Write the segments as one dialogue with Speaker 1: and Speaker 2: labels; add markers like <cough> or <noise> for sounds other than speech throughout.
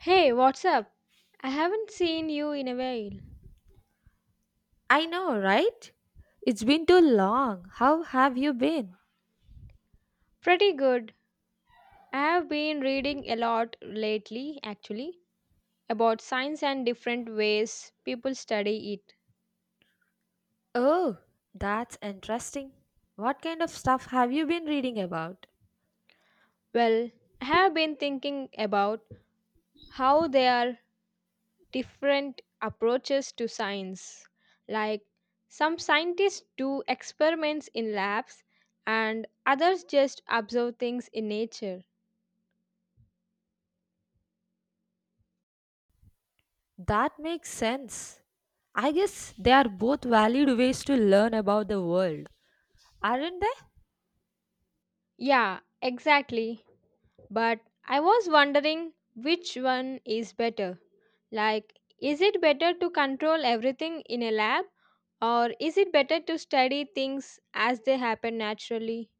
Speaker 1: Hey, what's up? I haven't seen you in a while.
Speaker 2: I know, right? It's been too long. How have you been?
Speaker 1: Pretty good. I have been reading a lot lately, actually, about science and different ways people study it.
Speaker 2: Oh, that's interesting. What kind of stuff have you been reading about?
Speaker 1: Well, I have been thinking about how there are different approaches to science. Like, some scientists do experiments in labs, and others just observe things in nature.
Speaker 2: That makes sense. I guess they are both valid ways to learn about the world, aren't they?
Speaker 1: Yeah, exactly. But I was wondering which one is better. Like, is it better to control everything in a lab or is it better to study things as they happen naturally?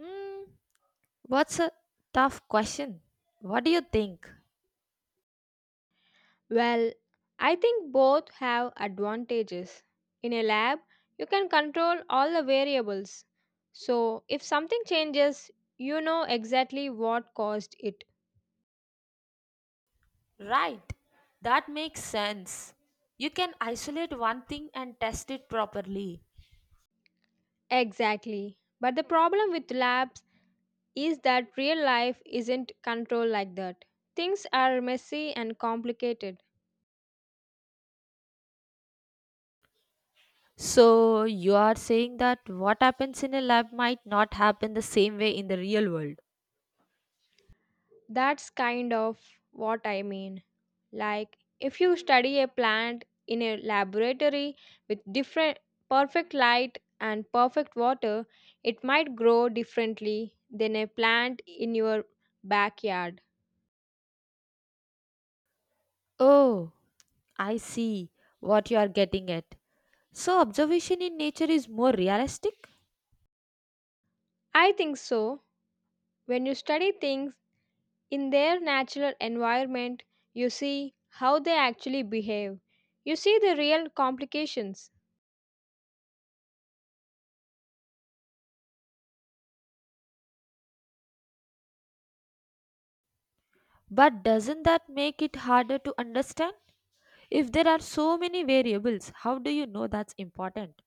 Speaker 2: Hmm, what's a tough question? What do you think?
Speaker 1: Well, I think both have advantages. In a lab, you can control all the variables. So, if something changes, you know exactly what caused it.
Speaker 2: Right, that makes sense. You can isolate one thing and test it properly.
Speaker 1: Exactly. But the problem with labs is that real life isn't controlled like that. Things are messy and complicated.
Speaker 2: So you are saying that what happens in a lab might not happen the same way in the real world.
Speaker 1: That's kind of what I mean. Like, if you study a plant in a laboratory with different perfect light and perfect water, it might grow differently than a plant in your backyard.
Speaker 2: Oh, I see what you are getting at. So observation in nature is more realistic,
Speaker 1: I think so. When you study things in their natural environment, you see how they actually behave. You see the real complications.
Speaker 2: but doesn't that make it harder to understand? If there are so many variables, how do you know that's important?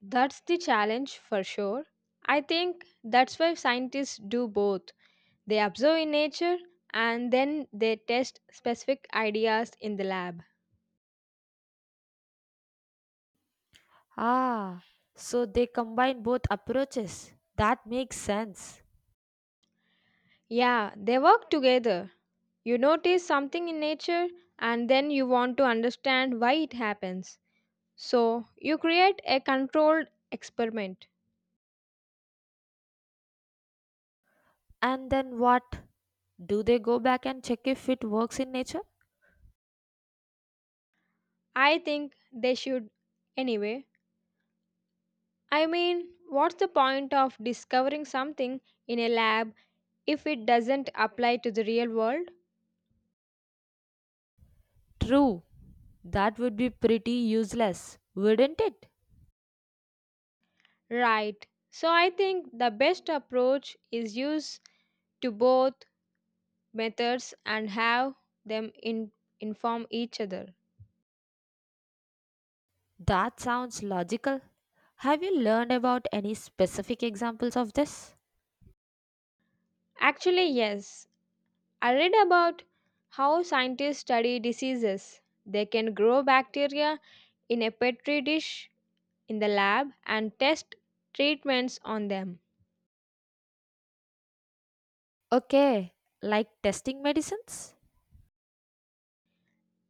Speaker 1: That's the challenge for sure. I think that's why scientists do both. They observe in nature and then they test specific ideas in the lab.
Speaker 2: Ah, so they combine both approaches. That makes sense.
Speaker 1: Yeah, they work together. You notice something in nature and then you want to understand why it happens. So, you create a controlled experiment.
Speaker 2: And then what? Do they go back and check if it works in nature?
Speaker 1: I think they should anyway. I mean, what's the point of discovering something in a lab if it doesn't apply to the real world?
Speaker 2: True, that would be pretty useless, wouldn't it?
Speaker 1: Right. So I think the best approach is use to both methods and have them in, inform each other.
Speaker 2: That sounds logical. Have you learned about any specific examples of this?
Speaker 1: Actually, yes. I read about how scientists study diseases. They can grow bacteria in a petri dish in the lab and test treatments on them.
Speaker 2: Okay, like testing medicines?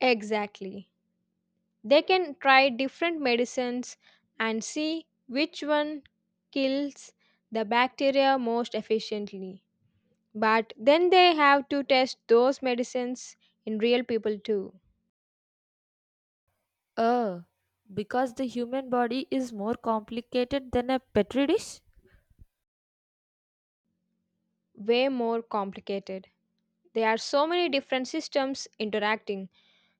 Speaker 1: Exactly. They can try different medicines and see which one kills the bacteria most efficiently. But then they have to test those medicines in real people too.
Speaker 2: Oh, because the human body is more complicated than a petri dish?
Speaker 1: Way more complicated. There are so many different systems interacting.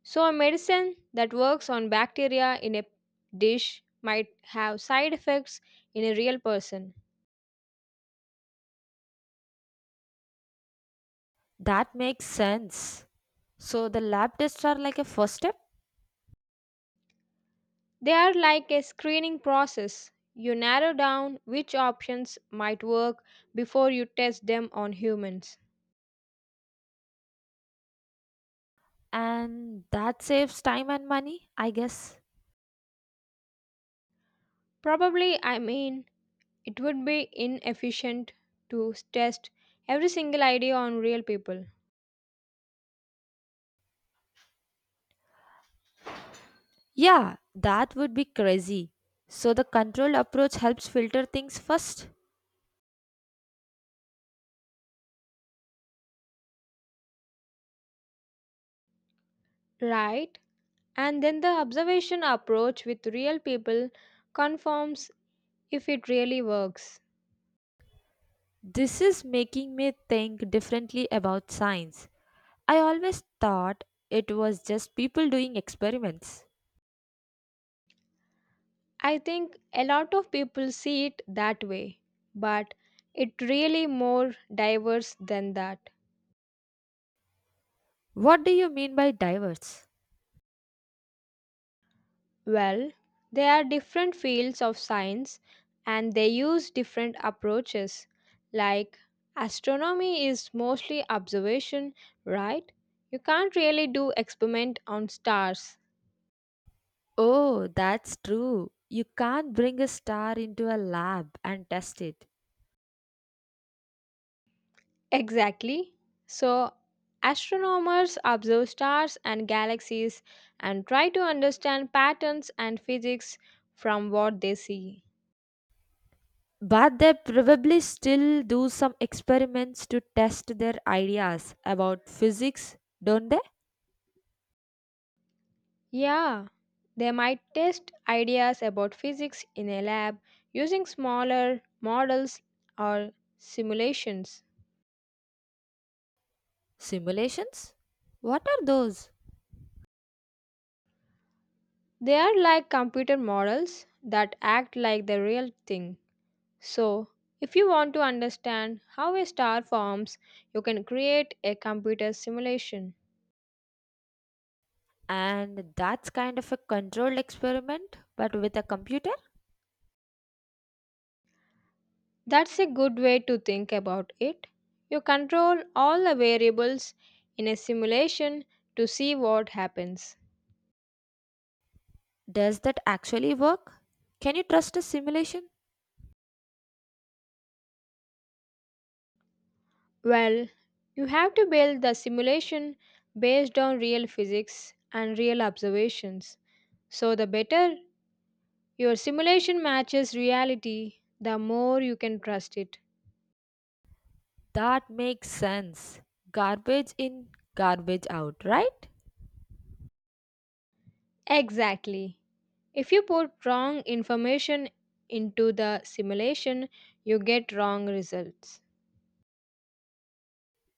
Speaker 1: So, a medicine that works on bacteria in a dish might have side effects in a real person.
Speaker 2: That makes sense. So the lab tests are like a first step,
Speaker 1: They are like a screening process. You narrow down which options might work before you test them on humans.
Speaker 2: and that saves time and money, I guess.
Speaker 1: Probably, I mean, it would be inefficient to test every single idea on real people.
Speaker 2: Yeah, that would be crazy. So the control approach helps filter things first.
Speaker 1: Right? And then the observation approach with real people confirms if it really works.
Speaker 2: This is making me think differently about science. I always thought it was just people doing experiments.
Speaker 1: I think a lot of people see it that way, but it really more diverse than that.
Speaker 2: What do you mean by diverse?
Speaker 1: Well, there are different fields of science and they use different approaches. Like astronomy is mostly observation, right? You can't really do experiment on stars.
Speaker 2: Oh, that's true. You can't bring a star into a lab and test it.
Speaker 1: <laughs> Exactly. So, astronomers observe stars and galaxies and try to understand patterns and physics from what they see.
Speaker 2: But they probably still do some experiments to test their ideas about physics, don't they?
Speaker 1: Yeah, they might test ideas about physics in a lab using smaller models or simulations.
Speaker 2: Simulations? What are those?
Speaker 1: They are like computer models that act like the real thing. So, if you want to understand how a star forms, you can create a computer simulation.
Speaker 2: And that's kind of a controlled experiment, but with a computer?
Speaker 1: That's a good way to think about it. You control all the variables in a simulation to see what happens.
Speaker 2: Does that actually work? Can you trust a simulation?
Speaker 1: Well, you have to build the simulation based on real physics and real observations. So, the better your simulation matches reality, the more you can trust it.
Speaker 2: That makes sense. Garbage in, garbage out, right?
Speaker 1: Exactly. If you put wrong information into the simulation, you get wrong results.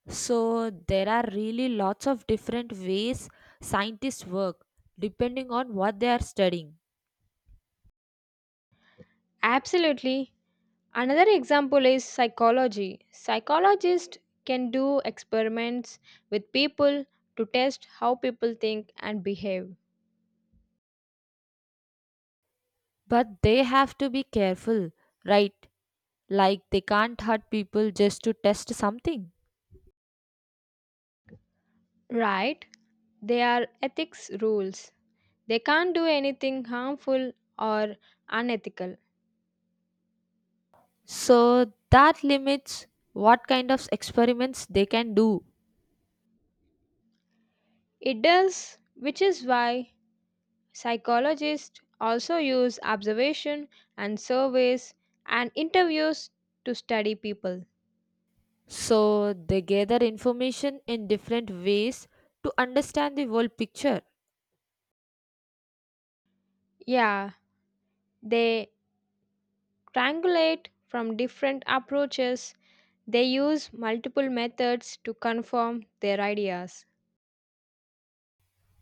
Speaker 2: So, there are really lots of different ways scientists work depending on what they are studying.
Speaker 1: Absolutely. Another example is psychology. Psychologists can do experiments with people to test how people think and behave.
Speaker 2: But they have to be careful, right? Like, they can't hurt people just to test something.
Speaker 1: Right, they are ethics rules. They can't do anything harmful or unethical.
Speaker 2: So that limits what kind of experiments they can do.
Speaker 1: It does, which is why psychologists also use observation and surveys and interviews to study people.
Speaker 2: So they gather information in different ways to understand the whole picture.
Speaker 1: Yeah, they triangulate from different approaches. They use multiple methods to confirm their ideas.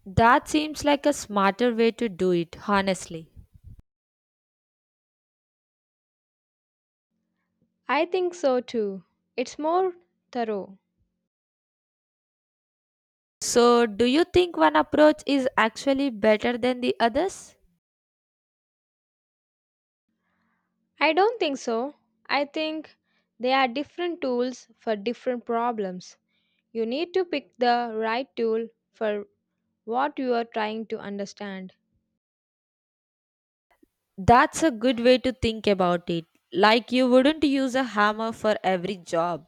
Speaker 2: That seems like a smarter way to do it, honestly.
Speaker 1: I think so too. It's more thorough.
Speaker 2: So, do you think one approach is actually better than the others?
Speaker 1: I don't think so. I think they are different tools for different problems. You need to pick the right tool for what you are trying to understand.
Speaker 2: That's a good way to think about it. Like, you wouldn't use a hammer for every job.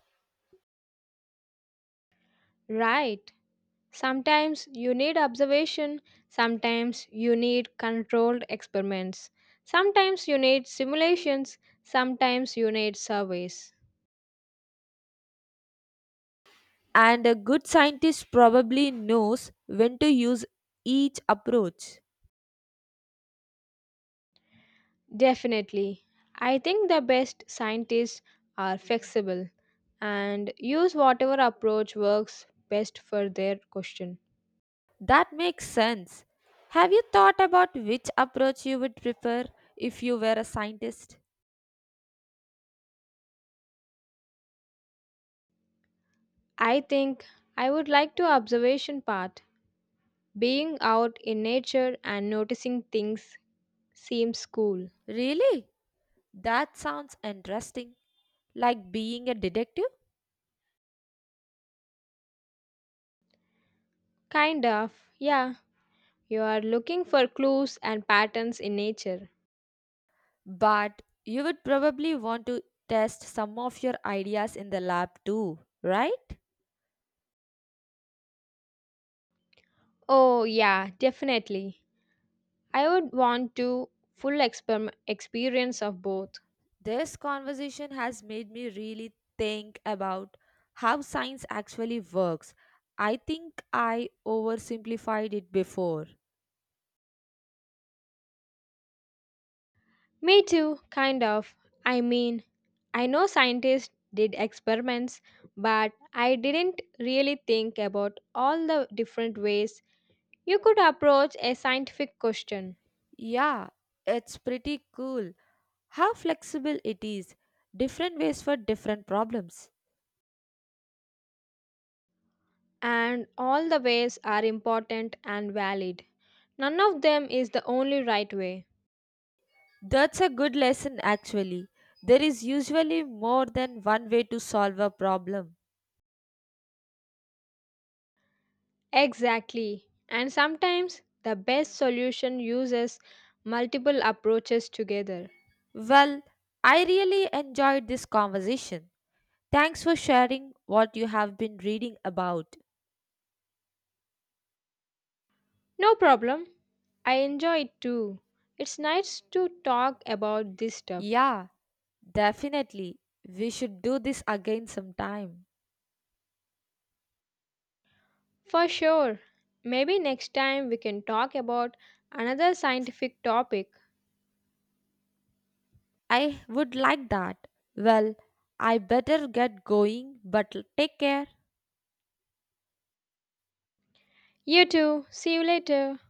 Speaker 1: Right. Sometimes you need observation, sometimes you need controlled experiments, sometimes you need simulations, sometimes you need surveys.
Speaker 2: And a good scientist probably knows when to use each approach.
Speaker 1: Definitely. I think the best scientists are flexible and use whatever approach works best for their question.
Speaker 2: That makes sense. Have you thought about which approach you would prefer if you were a scientist?
Speaker 1: I think I would like to observation part. Being out in nature and noticing things seems cool.
Speaker 2: Really? That sounds interesting, like being a detective,
Speaker 1: Kind of. Yeah, you are looking for clues and patterns in nature.
Speaker 2: but you would probably want to test some of your ideas in the lab too, right?
Speaker 1: Oh, yeah, definitely. I would want to full experiment experience of both.
Speaker 2: This conversation has made me really think about how science actually works. I think I oversimplified it before.
Speaker 1: Me too, kind of. I mean, I know scientists did experiments, but I didn't really think about all the different ways you could approach a scientific question.
Speaker 2: Yeah, it's pretty cool how flexible it is. Different ways for different problems.
Speaker 1: And all the ways are important and valid. None of them is the only right way.
Speaker 2: That's a good lesson, actually. There is usually more than one way to solve a problem.
Speaker 1: Exactly. And sometimes the best solution uses multiple approaches together.
Speaker 2: Well, I really enjoyed this conversation. Thanks for sharing what you have been reading about.
Speaker 1: No problem. I enjoy it too. It's nice to talk about this stuff.
Speaker 2: Yeah, definitely. We should do this again sometime.
Speaker 1: For sure. Maybe next time we can talk about another scientific topic.
Speaker 2: I would like that. Well, I better get going, but take care.
Speaker 1: You too. See you later.